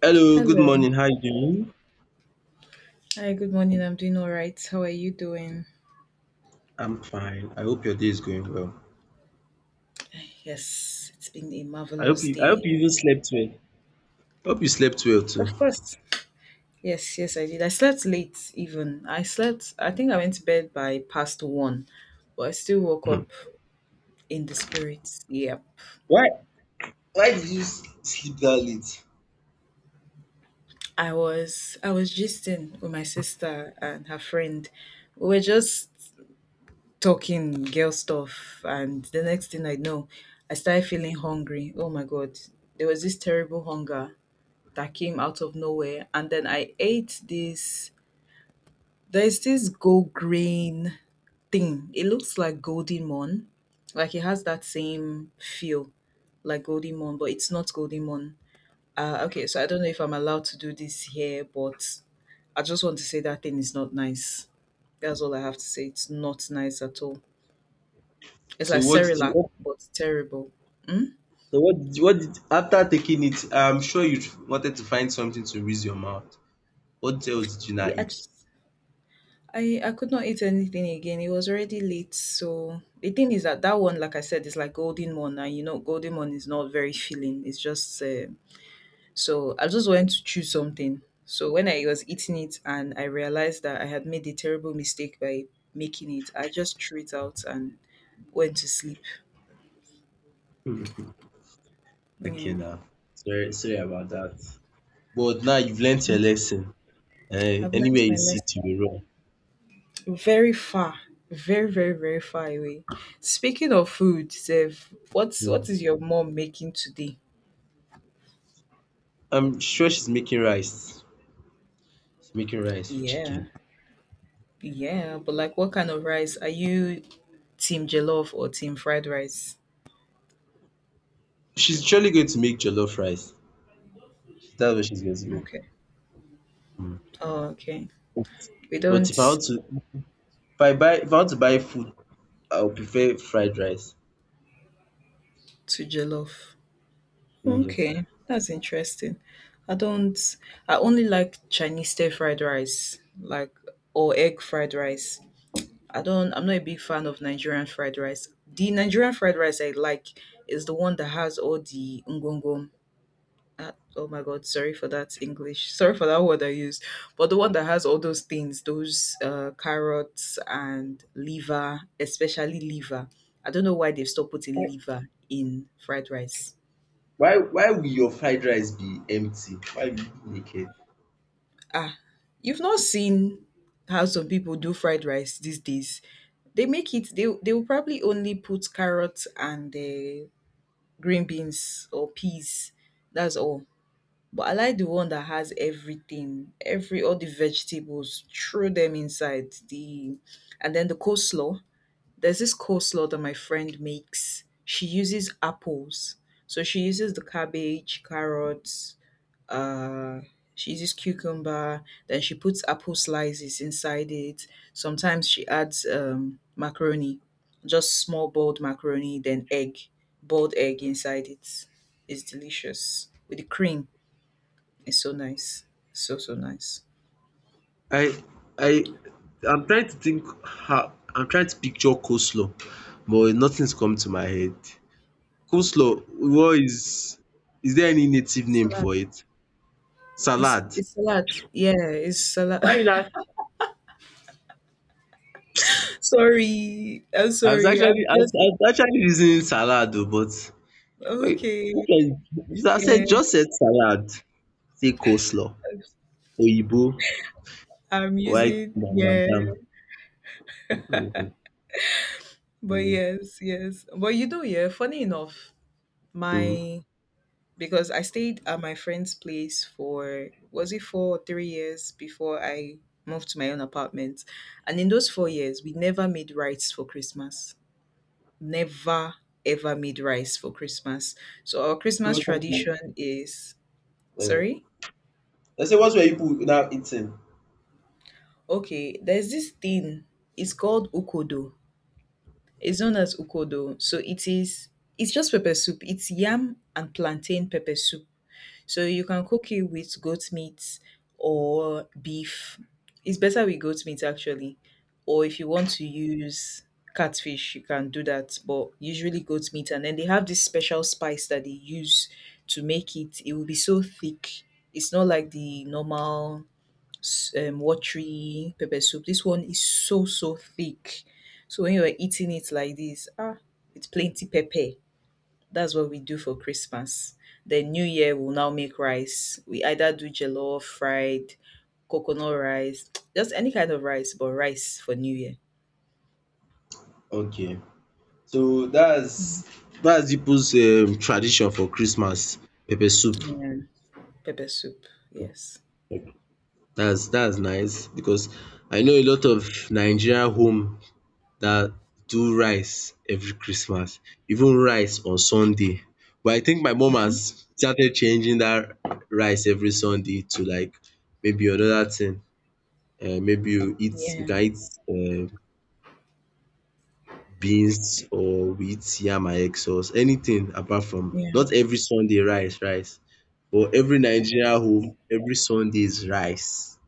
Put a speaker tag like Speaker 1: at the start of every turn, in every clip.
Speaker 1: Hello, good
Speaker 2: Hello.
Speaker 1: morning. How you doing?
Speaker 2: Hi, good morning. I'm doing all right. How are you doing?
Speaker 1: I'm fine. I hope your day is going well.
Speaker 2: Yes, it's been a
Speaker 1: I hope
Speaker 2: marvelous
Speaker 1: you I hope
Speaker 2: day.
Speaker 1: you even slept well. Hope you slept well too.
Speaker 2: Of course. Yes, yes, I did. I slept late even. I slept, I think I went to bed by past one, but I still woke
Speaker 1: Hmm.
Speaker 2: up in the spirit. Yep.
Speaker 1: Why why did you sleep that late?
Speaker 2: I was gisting with my sister and her friend. We were just talking girl stuff, and the next thing I know, I started feeling hungry. Oh my god. There was this terrible hunger that came out of nowhere. And then I ate this, there's this gold grain thing. It looks like golden mon. Like it has that same feel like golden mon, but it's not golden mon. Okay, so I don't know if I'm allowed to do this here, but I just want to say that thing is not nice. That's all I have to say. It's not nice at all. It's
Speaker 1: So
Speaker 2: like
Speaker 1: what did you
Speaker 2: Cerelac,
Speaker 1: What
Speaker 2: but terrible. Mm?
Speaker 1: so what did you, what did after taking it? I'm sure you wanted to find something to rinse your mouth. What else did you
Speaker 2: Yeah,
Speaker 1: not
Speaker 2: I
Speaker 1: eat?
Speaker 2: just- I could not eat anything again. It was already late. So the thing is that that one, like I said, is like golden one, and golden one is not very filling. It's just so I just went to choose something. So when I was eating it, and I realized that I had made a terrible mistake by making it, I just threw it out and went to sleep.
Speaker 1: Hmm. Okay
Speaker 2: Yeah,
Speaker 1: now. Sorry about that. But now you've learnt your lesson. Eh,
Speaker 2: I've
Speaker 1: anywhere
Speaker 2: learned my
Speaker 1: you sit,
Speaker 2: lesson.
Speaker 1: you will run.
Speaker 2: Very far, very, very far away. Speaking of food, Zev, what's
Speaker 1: Hmm.
Speaker 2: what is your mom making today?
Speaker 1: I'm sure she's making rice. She's making rice with
Speaker 2: Yeah.
Speaker 1: chicken.
Speaker 2: Yeah, but like what kind of rice? Are you team jollof or team fried rice?
Speaker 1: She's surely going to make jollof rice. That's what she's going to make.
Speaker 2: Okay.
Speaker 1: Mm.
Speaker 2: Oh, okay. We
Speaker 1: But
Speaker 2: don't
Speaker 1: if I want to buy food, I would prefer fried rice.
Speaker 2: to jollof.
Speaker 1: Mm, yes.
Speaker 2: Okay, that's interesting. I don't I only like Chinese stir fried rice, like or egg fried rice. I'm not a big fan of Nigerian fried rice. The Nigerian fried rice I like is the one that has all the ngongom. Oh my god, sorry for that english sorry for that word I used, but the one that has all those things, those carrots and liver, especially liver. I don't know why they've stopped putting liver in fried rice.
Speaker 1: Why will your fried rice be empty? Why will you make it?
Speaker 2: Ah, you've not seen how some people do fried rice these days. They make it, they will probably only put carrots and green beans or peas, that's all. But I like the one that has everything, every all the vegetables, throw them inside the, and then the coleslaw. There's this coleslaw that my friend makes, she uses apples. So she uses the cabbage, carrots, uh she uses cucumber, then she puts apple slices inside it. Sometimes she adds macaroni, just small boiled macaroni, then egg, boiled egg inside it. It's delicious with the cream. It's so nice. So so nice.
Speaker 1: I, I, I'm trying to think how. I'm trying to picture coleslaw, but nothing's come to my head. Coleslaw, what is? Is there any native name
Speaker 2: Salad.
Speaker 1: for it?
Speaker 2: It's
Speaker 1: Salad.
Speaker 2: it's salad. Yeah, it's salad.
Speaker 1: Why not?
Speaker 2: Sorry. I'm
Speaker 1: I was
Speaker 2: sorry.
Speaker 1: actually,
Speaker 2: I'm
Speaker 1: I was,
Speaker 2: just
Speaker 1: I was actually reasoning salad, oh, but
Speaker 2: okay.
Speaker 1: okay, so I
Speaker 2: Yeah.
Speaker 1: said just said salad, say coleslaw, oyibo,
Speaker 2: I'm
Speaker 1: white
Speaker 2: using,
Speaker 1: ma-
Speaker 2: yeah.
Speaker 1: madam Hmm.
Speaker 2: But yes, yes. But you know, yeah, funny enough,
Speaker 1: Hmm.
Speaker 2: my because I stayed at my friend's place for was it 4 or 3 years before I moved to my own apartment. And in those 4 years we never made rice for Christmas. Never ever made rice for Christmas. So our Christmas
Speaker 1: um
Speaker 2: tradition is sorry.
Speaker 1: I say, what's were you people now eating?
Speaker 2: Okay, there's this thing. It's called ukodo. It's known as ukodo. So it is. It's just pepper soup. It's yam and plantain pepper soup. So you can cook it with goat meat or beef. It's better with goat meat actually. Or if you want to use catfish, you can do that, but usually goat meat. And then they have this special spice that they use to make it. It will be so thick. It's not like the normal s- watery pepper soup. This one is so so thick. So when you're eating it like this, ah, with plenty pepper, that's what we do for Christmas. Then New Year we'll now make rice. We either do jollof, fried, coconut rice, just any kind of rice, but rice for New Year.
Speaker 1: Okay, so that's peoples tradition for Christmas, pepper soup.
Speaker 2: Yeah. Pepper soup. Yes.
Speaker 1: That's nice because I know a lot of Nigerian home that do rice every Christmas, even rice on Sunday. But I think my mum
Speaker 2: Mhm.
Speaker 1: has started changing that rice every Sunday to, like, maybe another thing. You
Speaker 2: Yeah.
Speaker 1: can eat um beans, or we eat yam and egg sauce, anything apart from
Speaker 2: Yeah.
Speaker 1: not every Sunday rice, rice. But every Nigerian home, every Sunday is rice.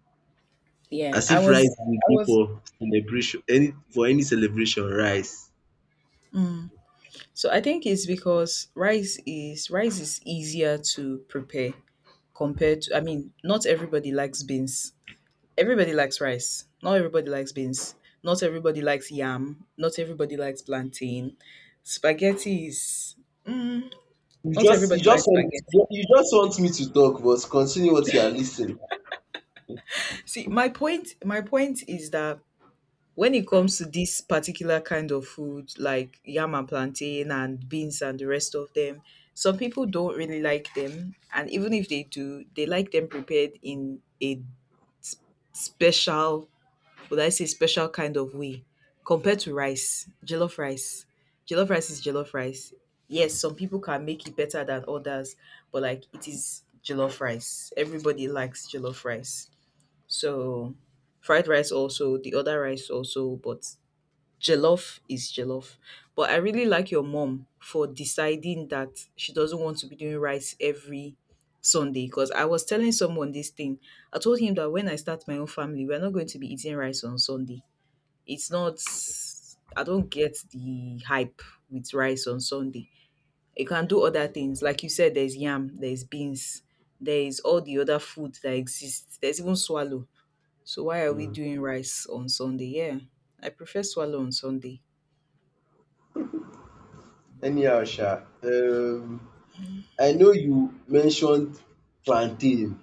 Speaker 2: Yeah.
Speaker 1: As if rice be
Speaker 2: I
Speaker 1: dey
Speaker 2: was
Speaker 1: for celebration, any for any celebration, rice.
Speaker 2: so I think it's because rice is easier to prepare compared to I mean, not everybody likes beans. Everybody likes rice. Not everybody likes beans. Not everybody likes yam. Not everybody likes plantain. Spaghetti is mm,
Speaker 1: You
Speaker 2: not
Speaker 1: just you
Speaker 2: everybody
Speaker 1: just
Speaker 2: likes
Speaker 1: want
Speaker 2: spaghetti.
Speaker 1: you just want me to talk, but continue what you are listening.
Speaker 2: See, my point is that when it comes to this particular kind of food like yam and plantain and beans and the rest of them, some people don't really like them, and even if they do, they like them prepared in a s- special, would I say special kind of way, compared to rice, jollof rice. Jollof rice is jollof rice. Yes, some people can make it better than others, but like it is jollof rice. Everybody likes jollof rice. So fried rice also, the other rice also, but jollof is jollof. But I really like your mom for deciding that she doesn't want to be doing rice every Sunday because I was telling someone this thing. I told him that when I start my own family, we're not going to be eating rice on Sunday. It's not, I don't get the hype with rice on Sunday. You can do other things. Like you said, there's yam, there's beans, there is all the other food that exists. There's even swallow. So why are we
Speaker 1: Mm.
Speaker 2: doing rice on Sunday? Yeah. I prefer swallow on Sunday.
Speaker 1: Anyhow, Sha, I know you mentioned plantain.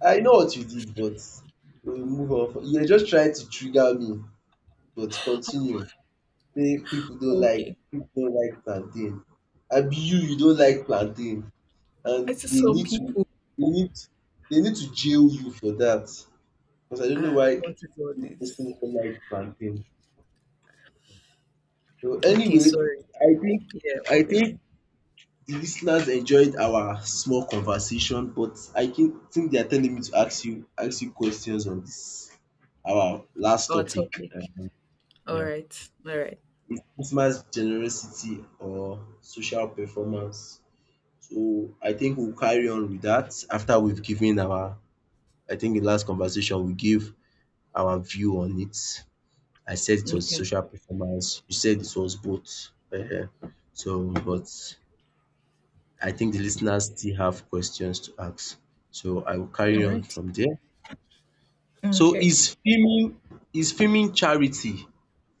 Speaker 1: I know what you did, but we move on. You're just trying to trigger me, but continue. Say people don't like
Speaker 2: Okay.
Speaker 1: people don't like plantain. Abi you don't like plantain, and
Speaker 2: I see some people
Speaker 1: they need they need to jail you for that. Because I don't know
Speaker 2: ah,
Speaker 1: why
Speaker 2: what is all
Speaker 1: you person
Speaker 2: this?
Speaker 1: don't like plantain. So
Speaker 2: Okay,
Speaker 1: anyway,
Speaker 2: sorry.
Speaker 1: I think
Speaker 2: Yeah,
Speaker 1: I
Speaker 2: moving
Speaker 1: think
Speaker 2: on.
Speaker 1: the listeners enjoyed our small conversation, but I think they are telling me to ask you questions on this our last
Speaker 2: Our
Speaker 1: topic.
Speaker 2: topic. All
Speaker 1: Yeah,
Speaker 2: right. All right.
Speaker 1: Christmas generosity or social performance. So I think we'll carry on with that after we've given our. I think the last conversation we gave our view on it. I said it was
Speaker 2: Okay.
Speaker 1: social performance. You said it was both. So, but I think the listeners still have questions to ask. So I will carry
Speaker 2: All
Speaker 1: on
Speaker 2: right.
Speaker 1: from there. So
Speaker 2: Okay.
Speaker 1: is filming charity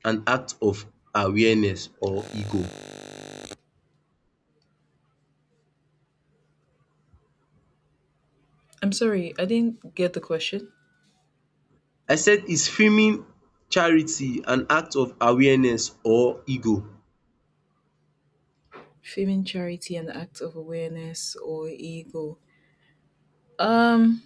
Speaker 1: an act of awareness or ego?
Speaker 2: I'm sorry, I didn't get the question.
Speaker 1: I said, is filming charity an act of awareness or ego?
Speaker 2: Framing charity an act of awareness or ego? Um,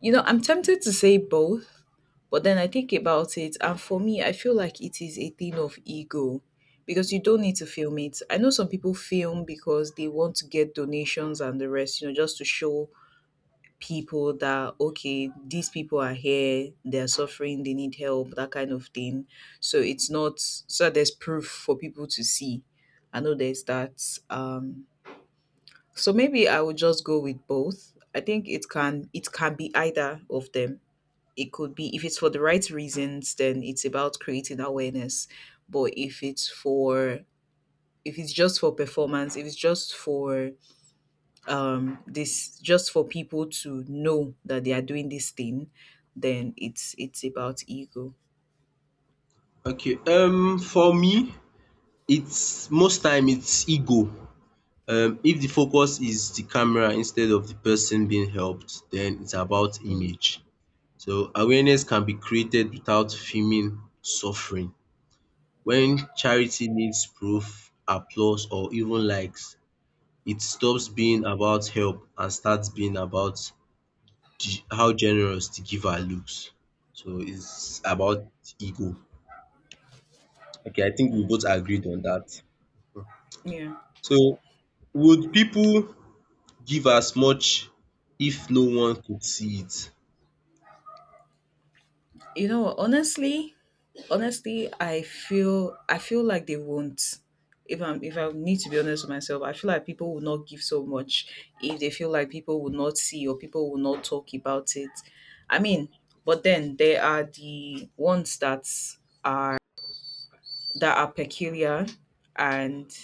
Speaker 2: you know, I'm tempted to say both, but then I think about it, and for me, I feel like it is a thing of ego because you don't need to film it. I know some people film because they want to get donations and the rest, you know, just to show people that okay, these people are here, they're suffering, they need help, that kind of thing. So it's not, so there's proof for people to see. I know there's that so maybe I would just go with both. I think it can, it can be either of them. It could be if it's for the right reasons, then it's about creating awareness. But if it's for, if it's just for performance, if it's just for this just for people to know that they are doing this thing, then it's about ego.
Speaker 1: Okay, for me, it's most time it's ego. If the focus is the camera instead of the person being helped, then it's about
Speaker 2: Mm.
Speaker 1: image. So awareness can be created without feeling suffering. When charity needs proof, applause or even likes, it stops being about help and starts being about how generous the giver looks. So it's about ego. Okay, I think we both agreed on that.
Speaker 2: Yeah.
Speaker 1: So would people give as much if no one could see it?
Speaker 2: You know, honestly, honestly, I feel like they won't. If I'm, if I need to be honest with myself, I feel like people will not give so much if they feel like people will not see or people will not talk about it. I mean, but then there are the ones that are, that are peculiar, and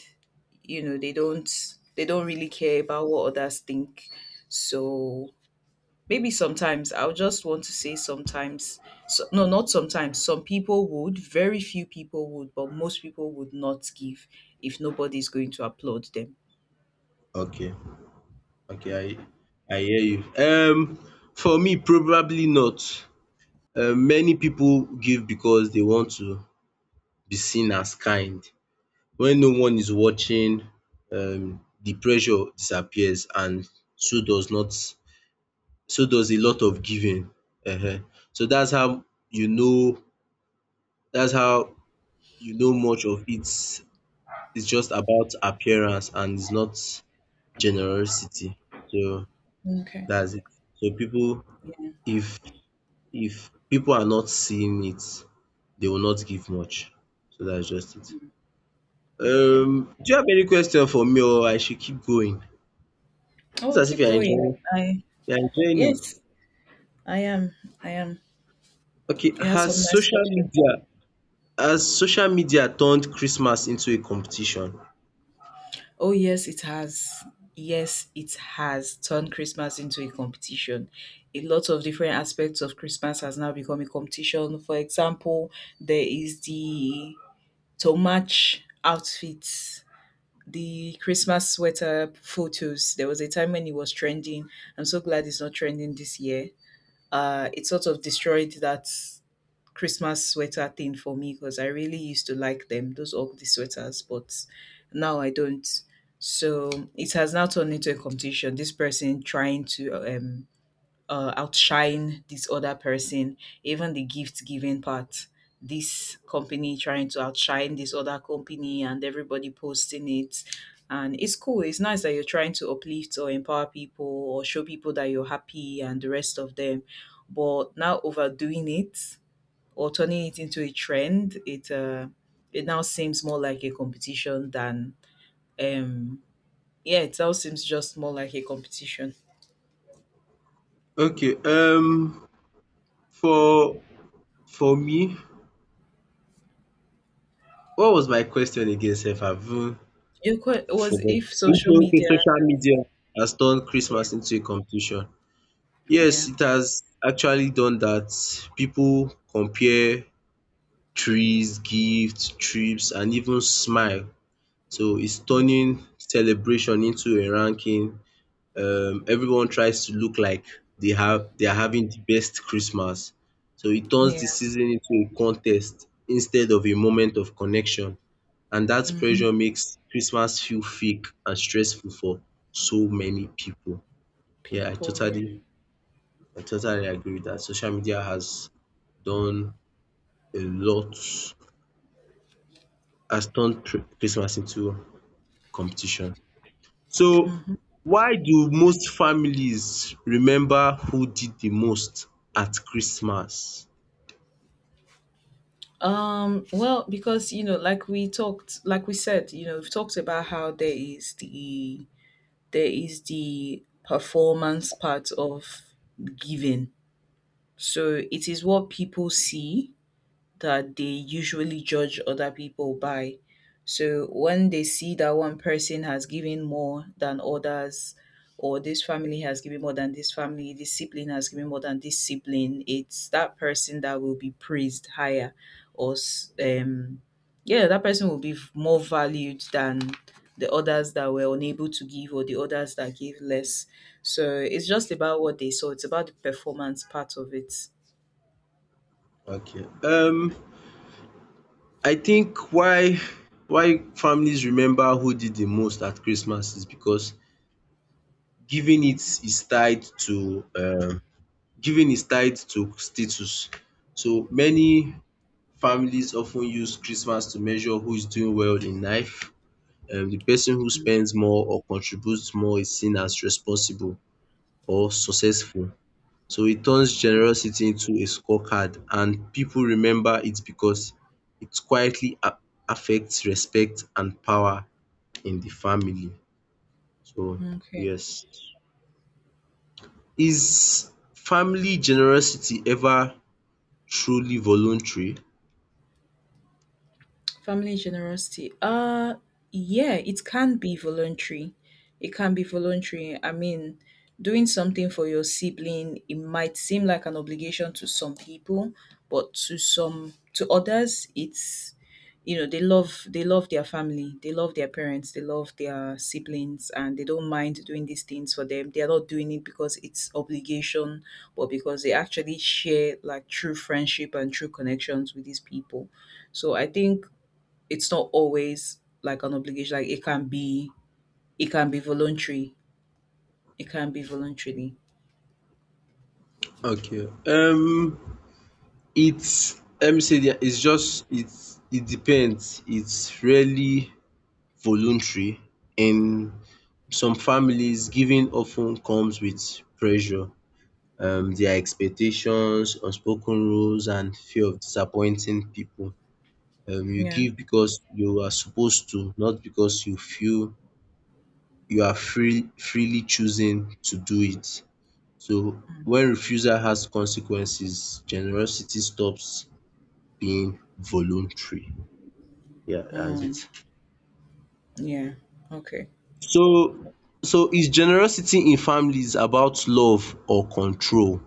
Speaker 2: you know they don't really care about what others think. So maybe sometimes I'll just want to say sometimes. So, no, not sometimes. Some people would, very few people would, but most people would not give if nobody's going to applaud them.
Speaker 1: Okay, okay, I hear you. For me, probably not. Many people give because they want to be seen as kind. When no one is watching, the pressure disappears, and so does not so does a lot of giving. um So that's how you know, that's how much of it is just about appearance, and it's not generosity. So
Speaker 2: Okay.
Speaker 1: that's it. So people,
Speaker 2: Yeah.
Speaker 1: if if people are not seeing it, they will not give much. So that's just it.
Speaker 2: Okay.
Speaker 1: Do you have any question for me, or I should keep going? It's
Speaker 2: Oh,
Speaker 1: as if
Speaker 2: keep going. I
Speaker 1: you are enjoying it.
Speaker 2: yes, I am. I am.
Speaker 1: Okay,
Speaker 2: You have
Speaker 1: has
Speaker 2: some nice
Speaker 1: social
Speaker 2: questions.
Speaker 1: media turned Christmas into a competition?
Speaker 2: Oh yes, it has. Yes, it has turned Christmas into a competition. A lot of different aspects of Christmas has now become a competition. For example, there is the to match outfits. The Christmas sweater photos, there was a time when it was trending. I'm so glad it's not trending this year. It sort of destroyed that Christmas sweater thing for me because I really used to like them, those ugly sweaters, but now I don't. So it has now turned into a competition. This person trying to outshine this other person, even the gift giving part. This company trying to outshine this other company, and everybody posting it. And it's cool. It's nice that you're trying to uplift or empower people or show people that you're happy and the rest of them. But now overdoing it or turning it into a trend, it now seems more like a competition than um yeah, it now seems just more like a competition.
Speaker 1: Okay, for for me, what was my question again sef? I've even
Speaker 2: Your que- was
Speaker 1: forgotten.
Speaker 2: if social
Speaker 1: Okay,
Speaker 2: media
Speaker 1: social media has turned
Speaker 2: yeah.
Speaker 1: Christmas into a competition.
Speaker 2: Yeah.
Speaker 1: Yes, it has actually done that. People compare trees, gifts, trips and even smile. So it's
Speaker 2: Mm,
Speaker 1: turning celebration into a ranking. Everyone tries to look like they are having the best Christmas. So it turns
Speaker 2: yeah.
Speaker 1: the season into a contest instead of a moment of connection. And that
Speaker 2: Hmm.
Speaker 1: pressure makes Christmas feel fake and stressful for so many people. Yeah, I
Speaker 2: People, yeah.
Speaker 1: totally I totally agree with that. Social media has done a lot, has turned Christmas into competition. So
Speaker 2: Hmm.
Speaker 1: why do most families remember who did the most at Christmas?
Speaker 2: Well, because you know, like we talked, like we said, you know, we've talked about how there is the, there is the performance part of giving. So it is what people see that they usually judge other people by. So when they see that one person has given more than others, or this family has given more than this family, this sibling has given more than this sibling, it's that person that will be praised higher, or s- yeah, that person will be v- more valued than the others that were unable to give or the others that gave less. So it's just about what they saw. It's about the performance part of it.
Speaker 1: Okay, I think why families remember who did the most at Christmas is because giving it is tied to um giving is tied to status. So many families often use Christmas to measure who is doing well in life. The person who spends more or contributes more is seen as responsible or successful. So it turns generosity into a scorecard, and people remember it because it quietly affects respect and power in the family. So,
Speaker 2: Okay.
Speaker 1: yes. Is family generosity ever truly voluntary?
Speaker 2: Family generosity. Yeah, it can be voluntary. It can be voluntary. I mean, doing something for your sibling, it might seem like an obligation to some people, but to others it's they love their family, they love their parents, they love their siblings and they don't mind doing these things for them. They are not doing it because it's obligation, but because they actually share like true friendship and true connections with these people. So I think it's not always like an obligation. Like it can be voluntary. It can be voluntarily.
Speaker 1: Okay. It's let me say that it depends. It's really voluntary. In some families, giving often comes with pressure, their expectations, unspoken rules, and fear of disappointing people. You
Speaker 2: Yeah.
Speaker 1: give because you are supposed to, not because you feel you are freely choosing to do it. So, when refusal has consequences, generosity stops being voluntary. Yeah, that's it.
Speaker 2: Um. Yeah. Okay.
Speaker 1: So, so, is generosity in families about love or control?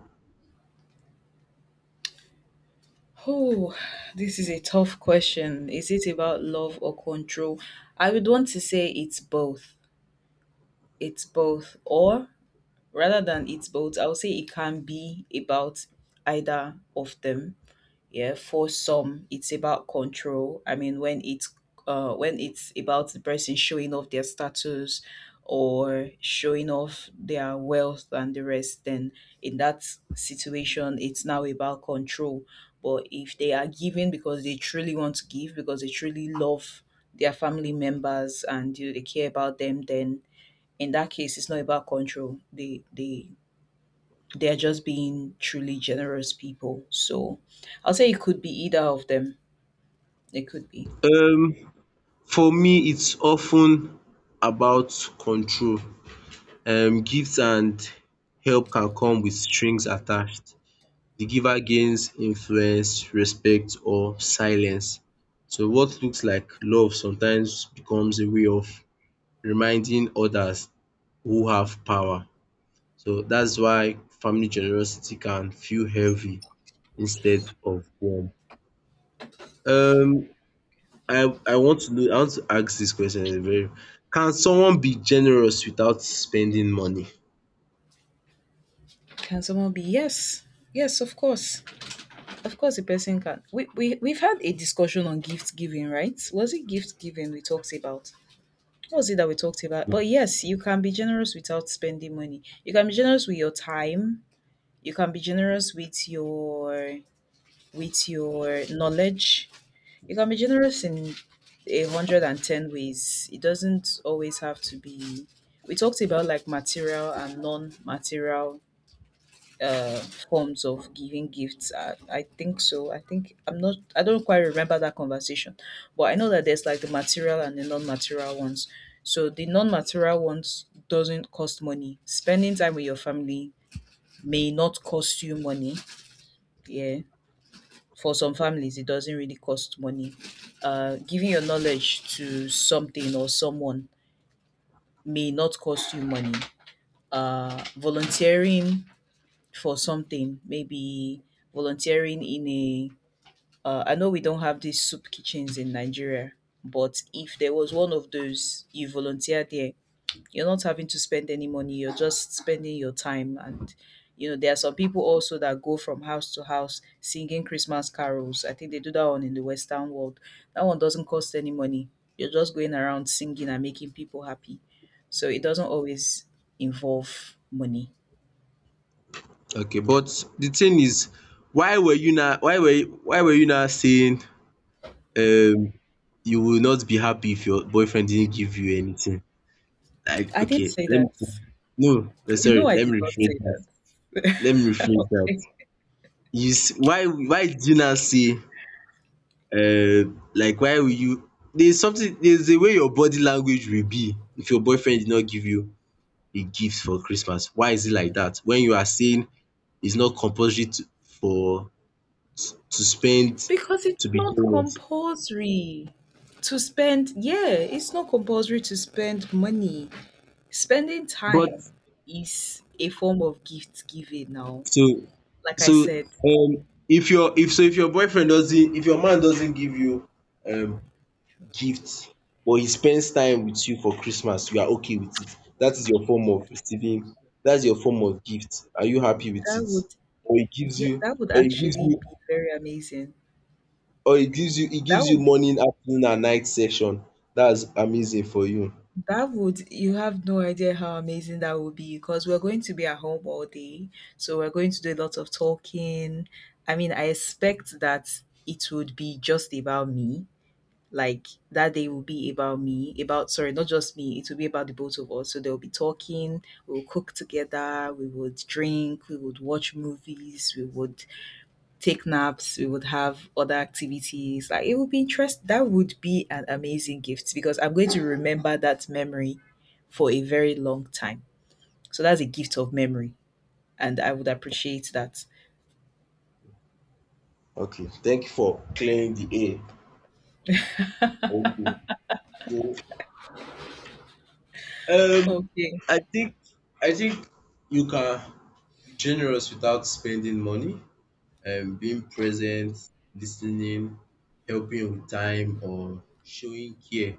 Speaker 2: Oh, this is a tough question. Is it about love or control? I would want to say it's both. It's both, or rather than it's both, I would say it can be about either of them. Yeah, for some, it's about control. I mean, when it's about the person showing off their status or showing off their wealth and the rest, then in that situation, it's now about control. But if they are giving because they truly want to give, because they truly love their family members and you know, they care about them, then in that case, it's not about control. They they're just being truly generous people. So I'll say it could be either of them. It could be.
Speaker 1: Um, for me, it's often about control. Gifts and help can come with strings attached. The giver gains influence, respect or silence. So what looks like love sometimes becomes a way of reminding others who have power. So that's why family generosity can feel heavy instead of warm. Um I I want to ask this question very. Can someone be generous without spending money?
Speaker 2: Can someone be? Yes. Yes, of course. Of course a person can. We've had a discussion on gift giving, right? Was it gift giving we talked about? What was it that we talked about? But yes, you can be generous without spending money. You can be generous with your time. You can be generous with your knowledge. You can be generous in a hundred and ten ways. It doesn't always have to be. We talked about like material and non-material uh, forms of giving gifts. I think so. I think I'm not. I don't quite remember that conversation, but I know that there's like the material and the non-material ones. So the non-material ones doesn't cost money. Spending time with your family may not cost you money. Yeah, for some families it doesn't really cost money. Giving your knowledge to something or someone may not cost you money. Volunteering for something, maybe volunteering in a I know we don't have these soup kitchens in Nigeria, but if there was one of those, you volunteer there, you're not having to spend any money, you're just spending your time. And, you know, there are some people also that go from house to house singing Christmas carols. I think they do that one in the Western world. That one doesn't cost any money. You're just going around singing and making people happy. So it doesn't always involve money.
Speaker 1: Okay, but the thing is, why were you now? Why were you now saying um you will not be happy if your boyfriend didn't give you anything? Like,
Speaker 2: I didn't
Speaker 1: okay,
Speaker 2: say
Speaker 1: let me.
Speaker 2: that.
Speaker 1: No,
Speaker 2: You know,
Speaker 1: sorry.
Speaker 2: I
Speaker 1: Let
Speaker 2: did
Speaker 1: me
Speaker 2: not
Speaker 1: rephrase
Speaker 2: say
Speaker 1: that.
Speaker 2: that.
Speaker 1: Let me rephrase that.
Speaker 2: Okay.
Speaker 1: You s- why did you not say uh like why will you? There's something. There's a way your body language will be if your boyfriend did not give you a gift for Christmas. Why is it like that? When you are saying it's not compulsory to, for to spend
Speaker 2: Because it's
Speaker 1: to be
Speaker 2: not
Speaker 1: generous.
Speaker 2: compulsory to spend, yeah, it's not compulsory to spend money. Spending
Speaker 1: But
Speaker 2: time is a form of gift giving now.
Speaker 1: so
Speaker 2: Like I
Speaker 1: so
Speaker 2: said,
Speaker 1: if your if so if your boyfriend doesn't if your man doesn't give you um gifts, but he spends time with you for Christmas, you are okay with it. That is your form of receiving. That's your form of gift. Are you happy with
Speaker 2: that
Speaker 1: it?
Speaker 2: would
Speaker 1: Or he gives you, or
Speaker 2: that would
Speaker 1: he gives
Speaker 2: actually
Speaker 1: you
Speaker 2: be very amazing.
Speaker 1: he
Speaker 2: That
Speaker 1: gives you
Speaker 2: would be
Speaker 1: morning, afternoon and night session. That's amazing for you.
Speaker 2: that would, you have no idea how amazing that would be because we're going to be at home all day. So we're going to do a lot of talking. I mean, I expect that it would be just about me, like that day will be about me, about, sorry, not just me, it will be about the both of us. So they'll be talking, we'll cook together, we would drink, we would watch movies, we would take naps, we would have other activities. Like it would be interest, that would be an amazing gift because I'm going to remember that memory for a very long time. So that's a gift of memory and I would appreciate that.
Speaker 1: Okay, thank you for clearing the air. Okay. So, Um,
Speaker 2: Okay.
Speaker 1: I think I think you can be generous without spending money. Being present, listening, helping with time, or showing care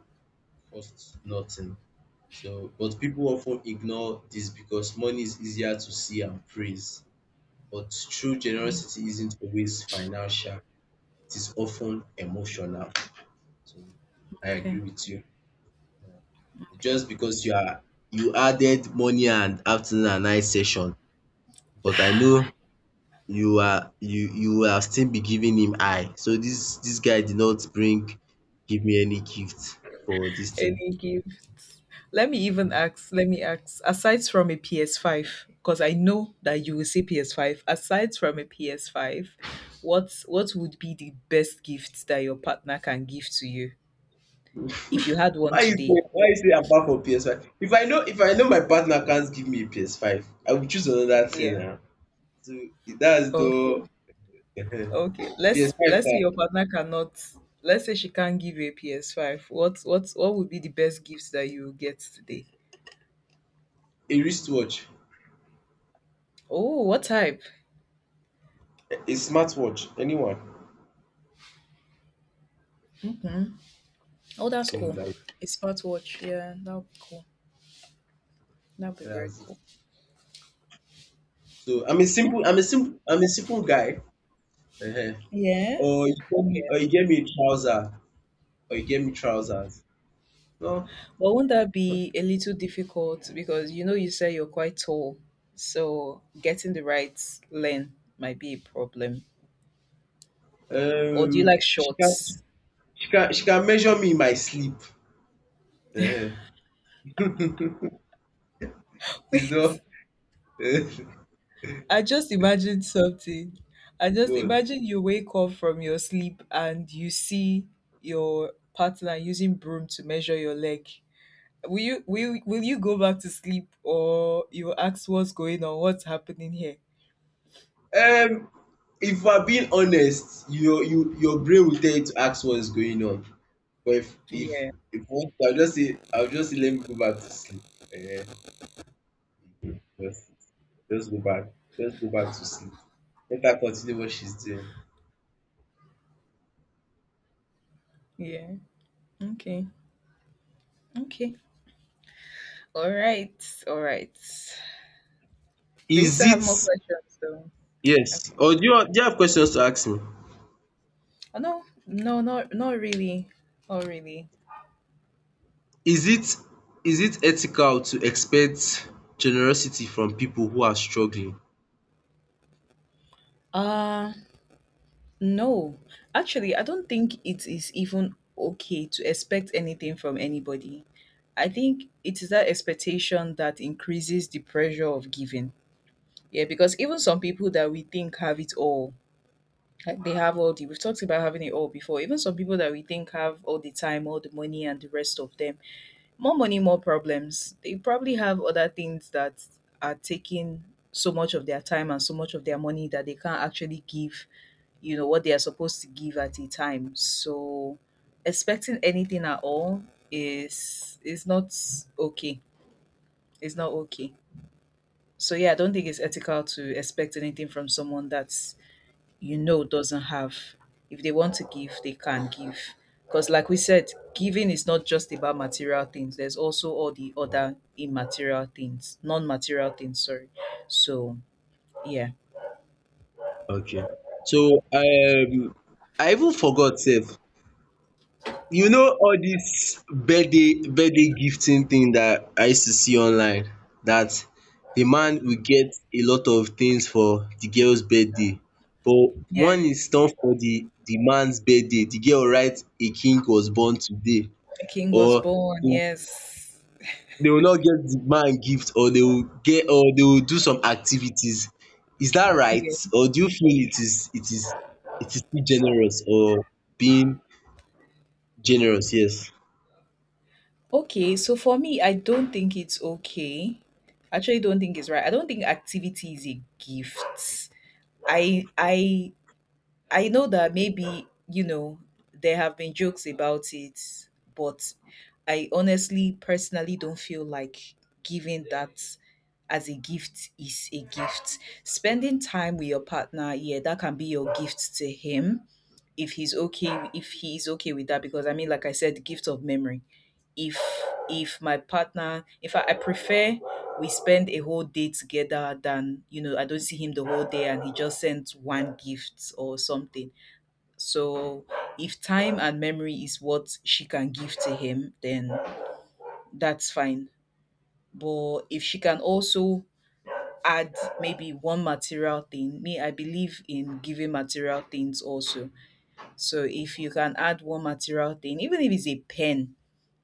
Speaker 1: costs nothing. So, but people often ignore this because money is easier to see and praise. But true generosity isn't always financial; it is often emotional. So, I agree
Speaker 2: Okay.
Speaker 1: with you.
Speaker 2: Okay.
Speaker 1: Just because you added morning and afternoon and night session, but I know you are you you will have still be giving him eye. So this guy did not bring give me any gift for this thing.
Speaker 2: Any gift. Let me even ask, let me ask, aside from a PS5, because I know that you will say PS5, aside from a PS5, what would be the best gift that your partner can give to you if you had one
Speaker 1: Why you say
Speaker 2: today?
Speaker 1: why you say I'm bad for PS5? If I know my partner can't give me a PS5, I will choose another thing
Speaker 2: Yeah.
Speaker 1: now. So that's
Speaker 2: Okay.
Speaker 1: the
Speaker 2: Okay. Let's
Speaker 1: PS5
Speaker 2: let's say
Speaker 1: na
Speaker 2: your partner cannot, let's say she can't give you a PS5. What would be the best gift that you will get today?
Speaker 1: a wristwatch,
Speaker 2: Oh, what type?
Speaker 1: a smartwatch, anyone.
Speaker 2: Hmm. Oh, that's
Speaker 1: Mm,
Speaker 2: cool. A smartwatch. Yeah, that would be cool. That'd be very
Speaker 1: that's it.
Speaker 2: cool.
Speaker 1: So I'm a simple guy. um
Speaker 2: Yeah.
Speaker 1: Or you get me,
Speaker 2: Yeah.
Speaker 1: a trouser. Or you get me trousers. No,
Speaker 2: But won't that be a little difficult because you know you say you're quite tall, so getting the right length might be a problem. Or do you like
Speaker 1: she can
Speaker 2: shorts?
Speaker 1: she can measure me in my sleep. Uh, it's
Speaker 2: Wait,
Speaker 1: not. Uh,
Speaker 2: I just imagined something. I just
Speaker 1: no.
Speaker 2: imagine you wake up from your sleep and you see your partner using broom to measure your leg. Will you go back to sleep or you ask what's going on, what's happening here?
Speaker 1: Um, if I'm being honest, your brain will tell you to ask what's going on. But
Speaker 2: Yeah.
Speaker 1: if once, I'll just say, let me go back to sleep. Uh, just just go back just go back to sleep. Let her continue what she's doing.
Speaker 2: Yeah. Okay. Okay. All right, all right. Do you
Speaker 1: Is
Speaker 2: still have more
Speaker 1: it,
Speaker 2: questions though?
Speaker 1: yes?
Speaker 2: Okay.
Speaker 1: Or do you have questions to ask me?
Speaker 2: Oh no, no, not really. Not really.
Speaker 1: Is it is it ethical to expect generosity from people who are struggling?
Speaker 2: Uh no. Actually, I don't think it is even okay to expect anything from anybody. I think it is that expectation that increases the pressure of giving. Yeah, because even some people that we think have it all, like they have all the, we've talked about having it all before. Even some people that we think have all the time, all the money and the rest of them, more money, more problems. They probably have other things that are taking so much of their time and so much of their money that they can't actually give, you know, what they are supposed to give at a time. So expecting anything at all is not okay. It's not okay. So yeah, I don't think it's ethical to expect anything from someone that's you know doesn't have. If they want to give, they can give. Because, like we said, giving is not just about material things. There's also all the other immaterial things, non-material things. Sorry. So, yeah.
Speaker 1: Okay. So I even forgot sef. You know all this birthday gifting thing that I used to see online, that the man will get a lot of things for the girl's birthday, but one
Speaker 2: Yeah,
Speaker 1: is done for the man's birthday, the girl write a king was born today,
Speaker 2: a king was
Speaker 1: or
Speaker 2: born. Yes.
Speaker 1: they will not get the man gift, or they will do some activities. Is that right,
Speaker 2: Yeah.
Speaker 1: or do you feel it is, it is too generous, or being generous? Yes.
Speaker 2: Okay. So for me, I don't think it's okay. Actually, don't think it's right. I don't think activity is a gift. I I I know that maybe, you know, there have been jokes about it, but I honestly, personally don't feel like giving that as a gift is a gift. Spending time with your partner, yeah, that can be your gift to him if he's okay with that. Because I mean, like I said, the gift of memory, if if my partner, in fact I prefer we spend a whole day together than, you know, I don't see him the whole day and he just sends one gift or something. So if time and memory is what she can give to him, then that's fine. But if she can also add maybe one material thing, me I believe in giving material things also. So if you can add one material thing, even if it's a pen,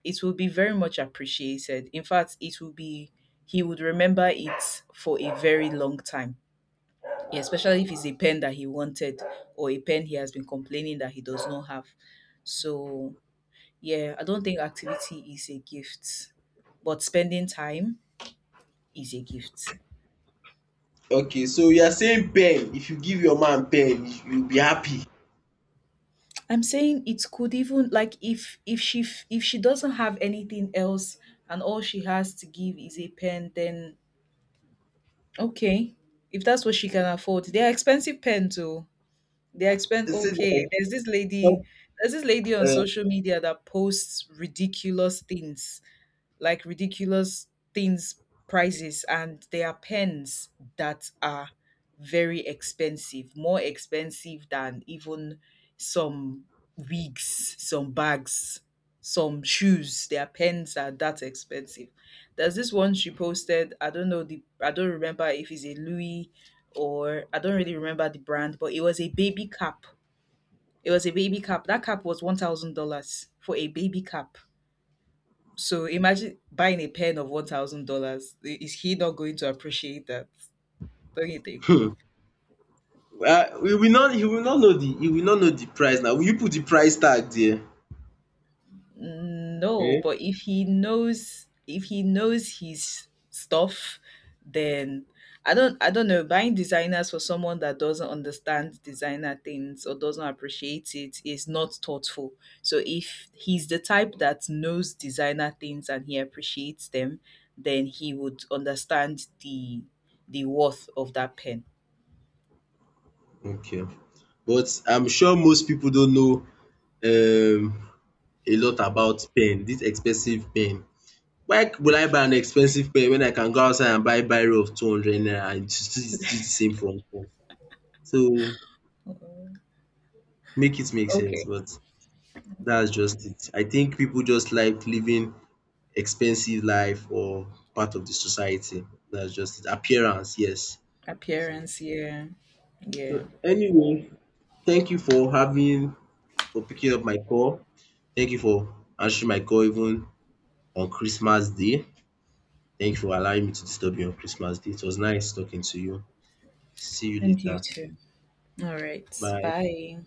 Speaker 2: it will be very much appreciated. In fact, it will be, he would remember it for a very long time. Yeah, especially if it's a pen that he wanted or a pen he has been complaining that he does not have. So, yeah, I don't think activity is a gift, but spending time is a gift.
Speaker 1: Okay, so you are saying pen. If you give your man pen, you'll be happy.
Speaker 2: I'm saying it could even, like if if she doesn't have anything else and all she has to give is a pen, then okay, if that's what she can afford. They are expensive pens, though. They expense
Speaker 1: They say
Speaker 2: okay.
Speaker 1: like some.
Speaker 2: There's this lady on
Speaker 1: um
Speaker 2: social media that posts ridiculous things, like ridiculous things prices, and there are pens that are very expensive, more expensive than even some wigs, some bags, some shoes. Their pens are that expensive. There's this one she posted, I don't know the, I don't remember if it's a Louis or, I don't really remember the brand, but it was a baby cap. It was a baby cap, that cap was $1000 for a baby cap. So imagine buying a pen of $1,000. Is he not going to appreciate that? Don't you think?
Speaker 1: hmm we will not He will not know the price now. Will you put the price tag there?
Speaker 2: No, but if he knows, if he knows his stuff, then, I don't, I don't know. Buying designers for someone that doesn't understand designer things or doesn't appreciate it is not thoughtful. So if he's the type that knows designer things and he appreciates them, then he would understand the worth of that pen.
Speaker 1: Okay, but I'm sure most people don't know um a lot about pen this expensive pen. Why will I buy an expensive pen when I can go outside and buy biro of 200 naira and still do the same from home? So make it make sense,
Speaker 2: Okay.
Speaker 1: but that's just it. I think people just like living expensive life or part of the society. That's just it. Appearance, yes. So
Speaker 2: Appearance, yeah. Yeah.
Speaker 1: anyway, thank you for having for picking up my call. Thank you for answering my call even on Christmas Day. Thank you for allowing me to disturb you on Christmas Day. It was nice talking to you. See you
Speaker 2: And you
Speaker 1: later.
Speaker 2: too. All right.
Speaker 1: Bye.
Speaker 2: Bye.